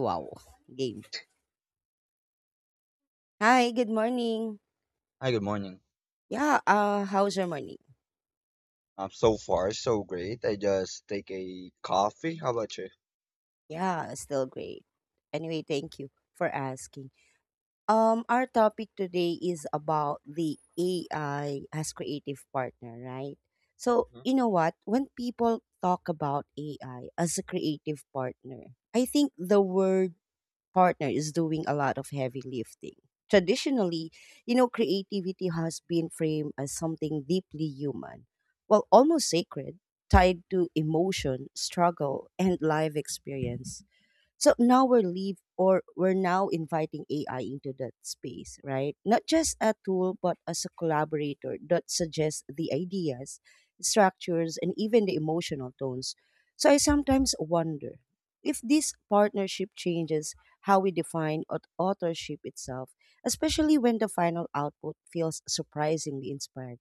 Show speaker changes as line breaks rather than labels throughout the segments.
Wow, game. Hi, good morning.
Hi, good morning.
Yeah, How's your morning?
So far, so great. I just take a coffee. How about you?
Yeah, still great. Anyway, thank you for asking. Our topic today is about the AI as creative partner, right? So,
Mhm.
you know what? When people talk about AI as a creative partner, I think the word partner is doing a lot of heavy lifting. Traditionally, you know, creativity has been framed as something deeply human, well, almost sacred, tied to emotion, struggle, and life experience. So now we're leave or we're now inviting AI into that space, right? Not just a tool, but as a collaborator that suggests the ideas, structures, and even the emotional tones. So I sometimes wonder if this partnership changes how we define authorship itself, especially when the final output feels surprisingly inspired.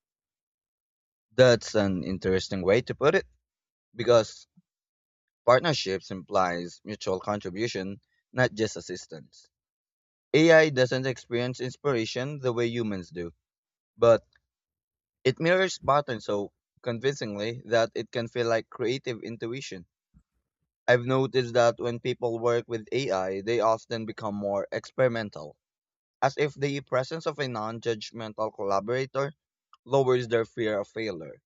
That's an interesting way to put it because partnerships implies mutual contribution, not just assistance. AI doesn't experience inspiration the way humans do, but it mirrors patterns so convincingly that it can feel like creative intuition. I've noticed that when people work with AI, they often become more experimental, as if the presence of a non-judgmental collaborator lowers their fear of failure.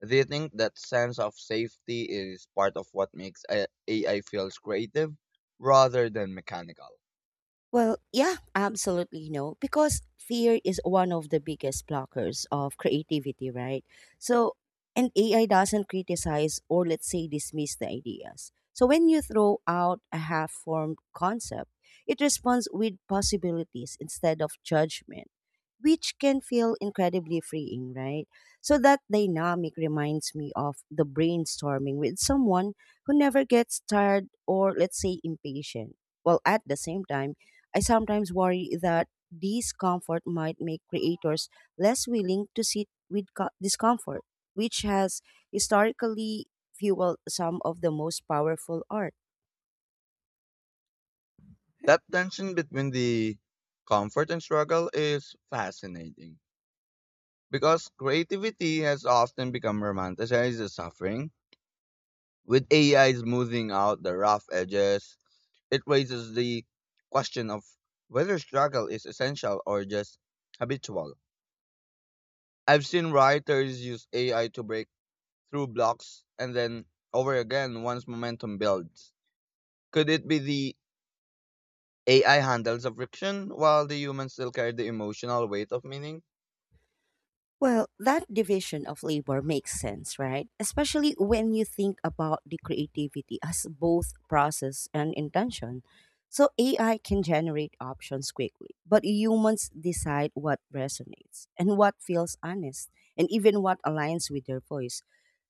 They think that sense of safety is part of what makes AI feels creative rather than mechanical.
Well, yeah, absolutely no, because fear is one of the biggest blockers of creativity, right? So, and AI doesn't criticize or, let's say, dismiss the ideas. So, when you throw out a half formed concept, it responds with possibilities instead of judgment, which can feel incredibly freeing, right? So that dynamic reminds me of the brainstorming with someone who never gets tired or, let's say, impatient. Well, at the same time, I sometimes worry that discomfort might make creators less willing to sit with discomfort, which has historically fueled some of the most powerful art.
That tension between the comfort and struggle is fascinating because creativity has often become romanticized as suffering, with AI smoothing out the rough edges. It raises the question of whether struggle is essential or just habitual. I've seen writers use AI to break through blocks and then over again once momentum builds. Could it be the AI handles the friction while the human still carry the emotional weight of meaning?
Well, that division of labor makes sense, right? Especially when you think about the creativity as both process and intention. So AI can generate options quickly, but humans decide what resonates and what feels honest, and even what aligns with their voice.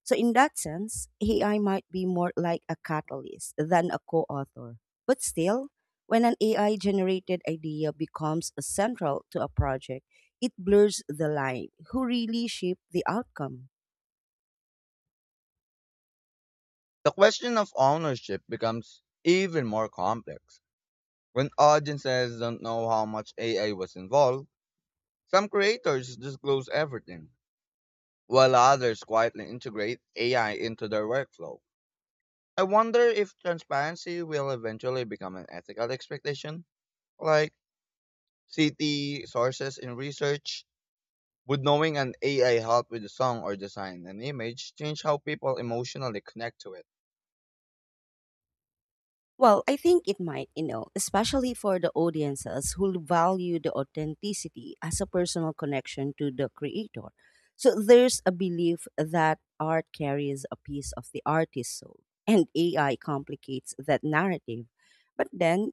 So, in that sense, AI might be more like a catalyst than a co author. But still, when an AI generated idea becomes central to a project, it blurs the line who really shaped the outcome.
The question of ownership becomes even more complex. When audiences don't know how much AI was involved, some creators disclose everything while others quietly integrate AI into their workflow. I wonder if transparency will eventually become an ethical expectation, like CT sources in research. Would knowing an AI help with the song or design an image change how people emotionally connect to it?
Well, I think it might, you know, especially for the audiences who value the authenticity as a personal connection to the creator. So there's a belief that art carries a piece of the artist's soul, and AI complicates that narrative. But then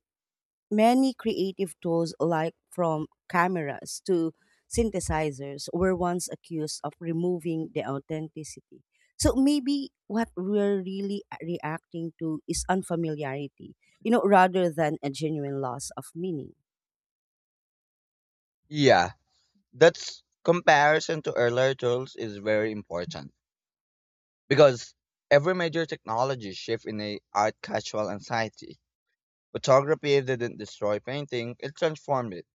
many creative tools, like from cameras to synthesizers, were once accused of removing the authenticity. So maybe what we're really reacting to is unfamiliarity, you know, rather than a genuine loss of meaning.
Yeah, that's comparison to earlier tools is very important because every major technology shift in a art casual anxiety. Photography didn't destroy painting, it transformed it.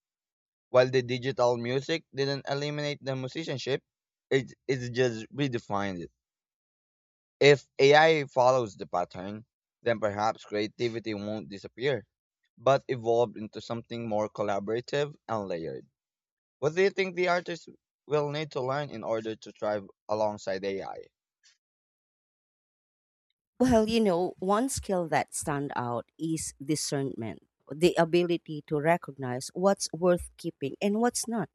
While the digital music didn't eliminate the musicianship, it just redefined it. If AI follows the pattern, then perhaps creativity won't disappear, but evolve into something more collaborative and layered. What do you think the artists will need to learn in order to thrive alongside AI?
Well, you know, one skill that stand out is discernment, the ability to recognize what's worth keeping and what's not.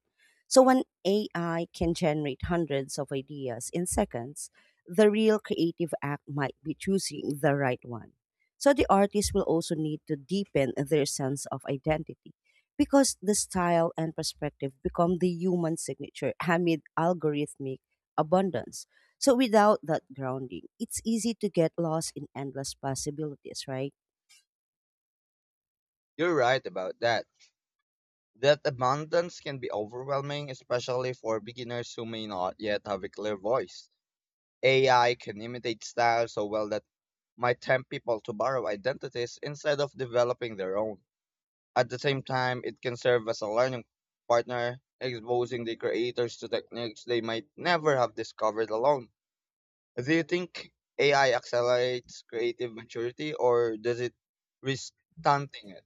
So when AI can generate hundreds of ideas in seconds, the real creative act might be choosing the right one. So the artist will also need to deepen their sense of identity because the style and perspective become the human signature amid algorithmic abundance. So without that grounding, it's easy to get lost in endless possibilities, right?
You're right about that. That abundance can be overwhelming, especially for beginners who may not yet have a clear voice. AI can imitate styles so well that might tempt people to borrow identities instead of developing their own. At the same time, it can serve as a learning partner, exposing the creators to techniques they might never have discovered alone. Do you think AI accelerates creative maturity, or does it risk stunting it?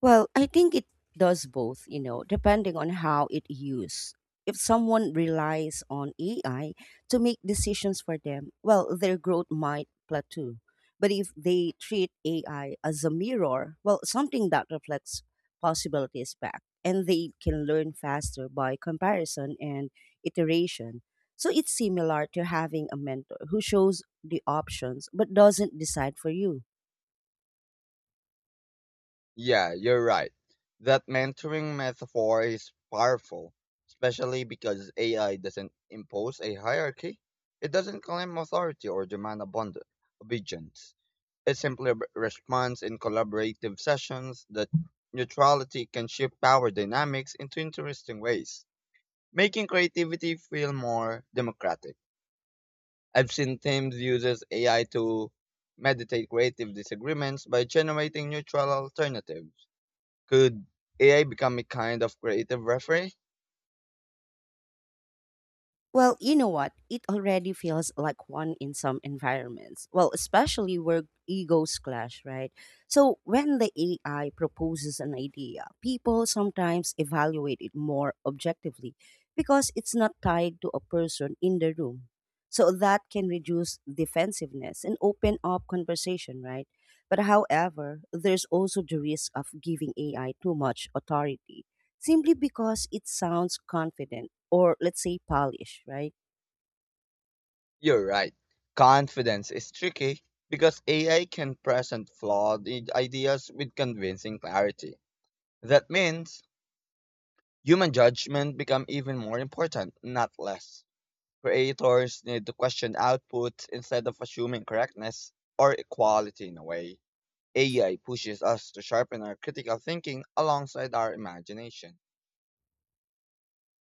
Well, I think it does both, you know, depending on how it used. If someone relies on AI to make decisions for them, well, their growth might plateau. But if they treat AI as a mirror, well, something that reflects possibilities back, and they can learn faster by comparison and iteration. So it's similar to having a mentor who shows the options but doesn't decide for you.
Yeah, you're right. That mentoring metaphor is powerful, especially because AI doesn't impose a hierarchy. It doesn't claim authority or demand abundance obedience. It simply responds in collaborative sessions. That neutrality can shift power dynamics into interesting ways, making creativity feel more democratic. I've seen teams uses AI to mediate creative disagreements by generating neutral alternatives. Could AI become a kind of creative referee?
Well, you know what? It already feels like one in some environments. Well, especially where egos clash, right? So when the AI proposes an idea, people sometimes evaluate it more objectively because it's not tied to a person in the room. So that can reduce defensiveness and open up conversation, right? But however, there's also the risk of giving AI too much authority simply because it sounds confident or, let's say, polished, right?
You're right. Confidence is tricky because AI can present flawed ideas with convincing clarity. That means human judgment become even more important, not less. Creators need to question outputs instead of assuming correctness or equality. In a way, AI pushes us to sharpen our critical thinking alongside our imagination.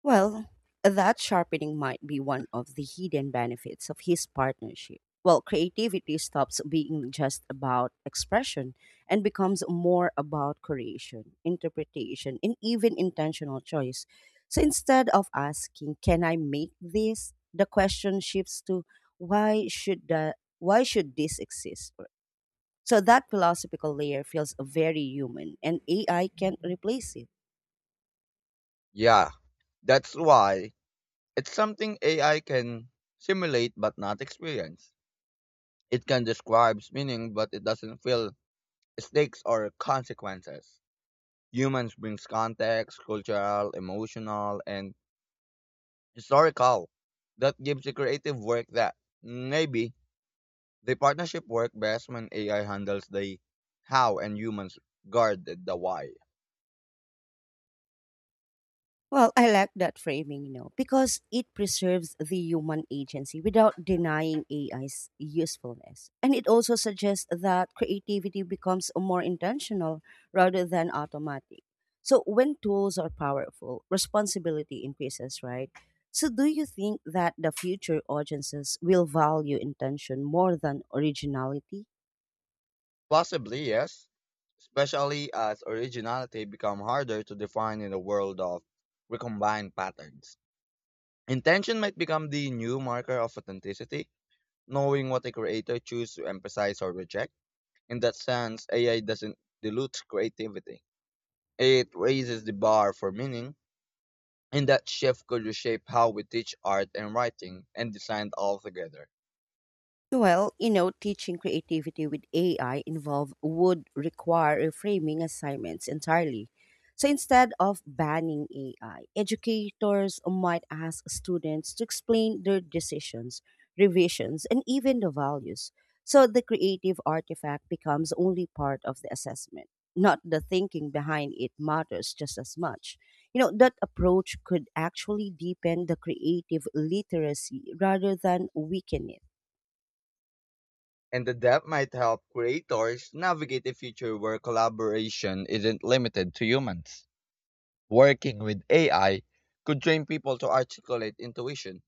Well, that sharpening might be one of the hidden benefits of his partnership. Well, creativity stops being just about expression and becomes more about creation, interpretation, and even intentional choice. So instead of asking, can I make this? The question shifts to why should this exist? So that philosophical layer feels very human and AI can't replace it.
Yeah, that's why it's something AI can simulate but not experience. It can describe meaning but it doesn't feel stakes or consequences. Humans brings context, cultural, emotional, and historical. That gives you creative work that maybe the partnership work best when AI handles the how and humans guard the why.
Well, I like that framing, you know, because it preserves the human agency without denying AI's usefulness. And it also suggests that creativity becomes more intentional rather than automatic. So when tools are powerful, responsibility increases, right? So do you think that the future audiences will value intention more than originality?
Possibly, yes, especially as originality become harder to define in a world of recombined patterns. Intention might become the new marker of authenticity, knowing what a creator chooses to emphasize or reject. In that sense, AI doesn't dilute creativity. It raises the bar for meaning, and that shift could reshape how we teach art and writing and design altogether.
Well, you know, teaching creativity with AI involve would require reframing assignments entirely. So instead of banning AI, educators might ask students to explain their decisions, revisions, and even the values. So the creative artifact becomes only part of the assessment. Not the thinking behind it matters just as much. You know, that approach could actually deepen the creative literacy rather than weaken it.
And the depth might help creators navigate a future where collaboration isn't limited to humans. Working with AI could train people to articulate intuition,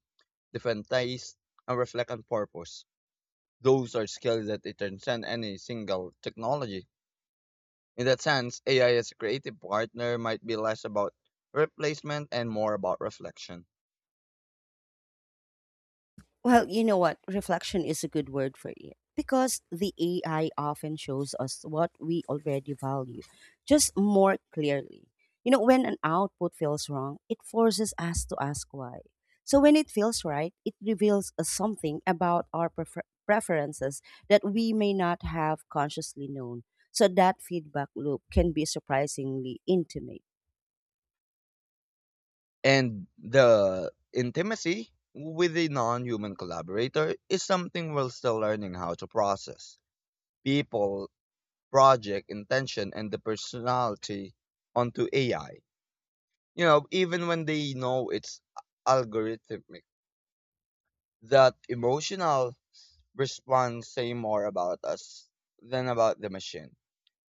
defend taste, and reflect on purpose. Those are skills that they transcend any single technology. In that sense, AI as a creative partner might be less about replacement and more about reflection.
Well, you know what? Reflection is a good word for it because the AI often shows us what we already value, just more clearly. You know, when an output feels wrong, it forces us to ask why. So when it feels right, it reveals us something about our preferences that we may not have consciously known. So that feedback loop can be surprisingly intimate.
And the intimacy with a non human collaborator is something we're still learning how to process. People, project, intention, and the personality onto AI. You know, even when they know it's algorithmic, that emotional response say more about us than about the machine.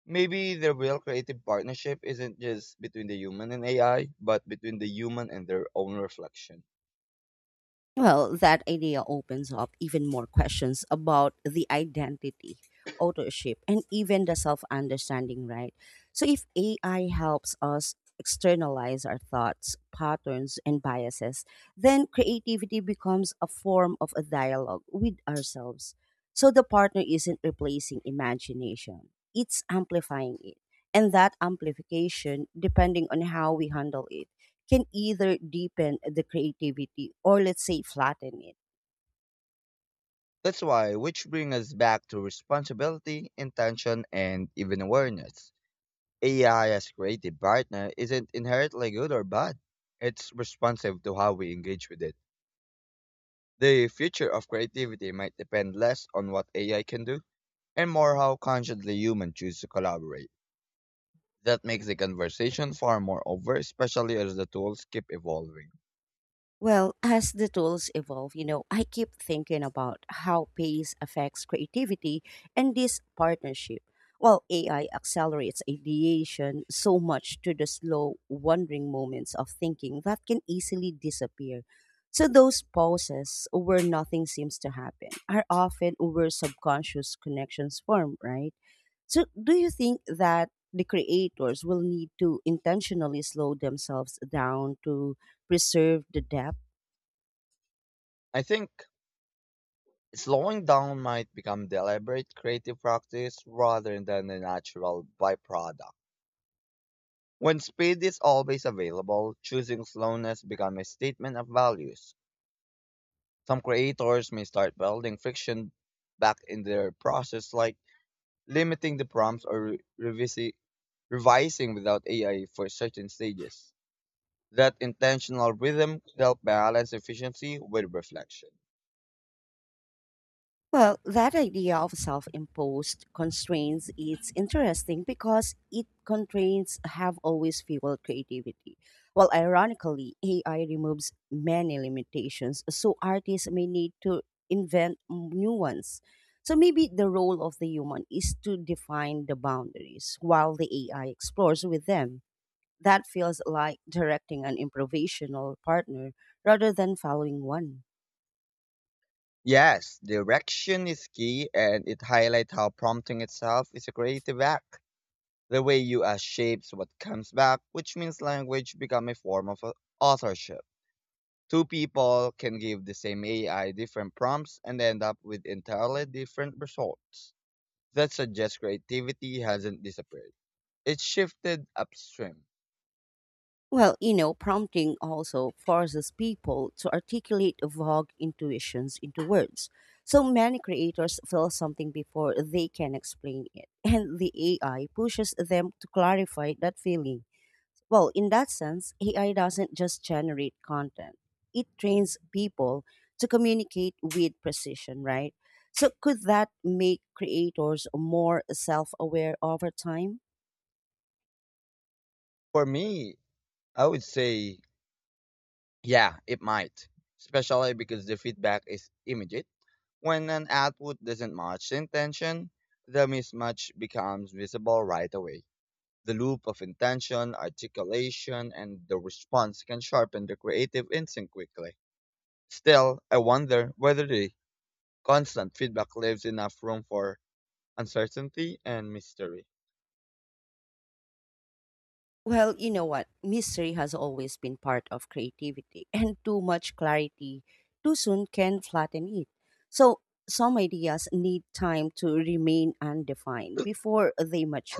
Maybe the real creative partnership isn't just between the human and AI, but between the human and their own reflection.
Well, that idea opens up even more questions about the identity, authorship, and even the self understanding, right? So, if AI helps us externalize our thoughts, patterns, and biases, then creativity becomes a form of a dialogue with ourselves. So, the partner isn't replacing imagination, it's amplifying it. And that amplification, depending on how we handle it, can either deepen the creativity or, let's say, flatten it.
That's why, which brings us back to responsibility, intention, and even awareness. AI as creative partner isn't inherently good or bad. It's responsive to how we engage with it. The future of creativity might depend less on what AI can do and more how consciously humans choose to collaborate. That makes the conversation far more over, especially as the tools keep evolving.
Well, as the tools evolve, you know, I keep thinking about how pace affects creativity and this partnership. Well, AI accelerates ideation so much to the slow, wandering moments of thinking that can easily disappear. So those pauses where nothing seems to happen are often where subconscious connections form, right? So, do you think that the creators will need to intentionally slow themselves down to preserve the depth?
I think slowing down might become deliberate creative practice rather than a natural byproduct. When speed is always available, choosing slowness becomes a statement of values. Some creators may start building friction back in their process, like limiting the prompts or revising without AI for certain stages. That intentional rhythm helps balance efficiency with reflection.
Well, that idea of self imposed constraints is interesting because it constraints have always fueled creativity. Well, ironically, AI removes many limitations, so artists may need to invent new ones. So maybe the role of the human is to define the boundaries while the AI explores with them. That feels like directing an improvisational partner rather than following one.
Yes, direction is key and it highlights how prompting itself is a creative act. The way you ask shapes what comes back, which means language become a form of authorship. Two people can give the same AI different prompts and end up with entirely different results. That suggests creativity hasn't disappeared. It's shifted upstream.
Well, you know, prompting also forces people to articulate vague intuitions into words. So many creators feel something before they can explain it, and the AI pushes them to clarify that feeling. Well, in that sense, AI doesn't just generate content, it trains people to communicate with precision, right? So, could that make creators more self aware over time?
For me, I would say, yeah, it might, especially because the feedback is immediate. When an output doesn't match the intention, the mismatch becomes visible right away. The loop of intention, articulation, and the response can sharpen the creative instinct quickly. Still, I wonder whether the constant feedback leaves enough room for uncertainty and mystery.
Well, you know what? Mystery has always been part of creativity, and too much clarity too soon can flatten it. So, some ideas need time to remain undefined before they mature,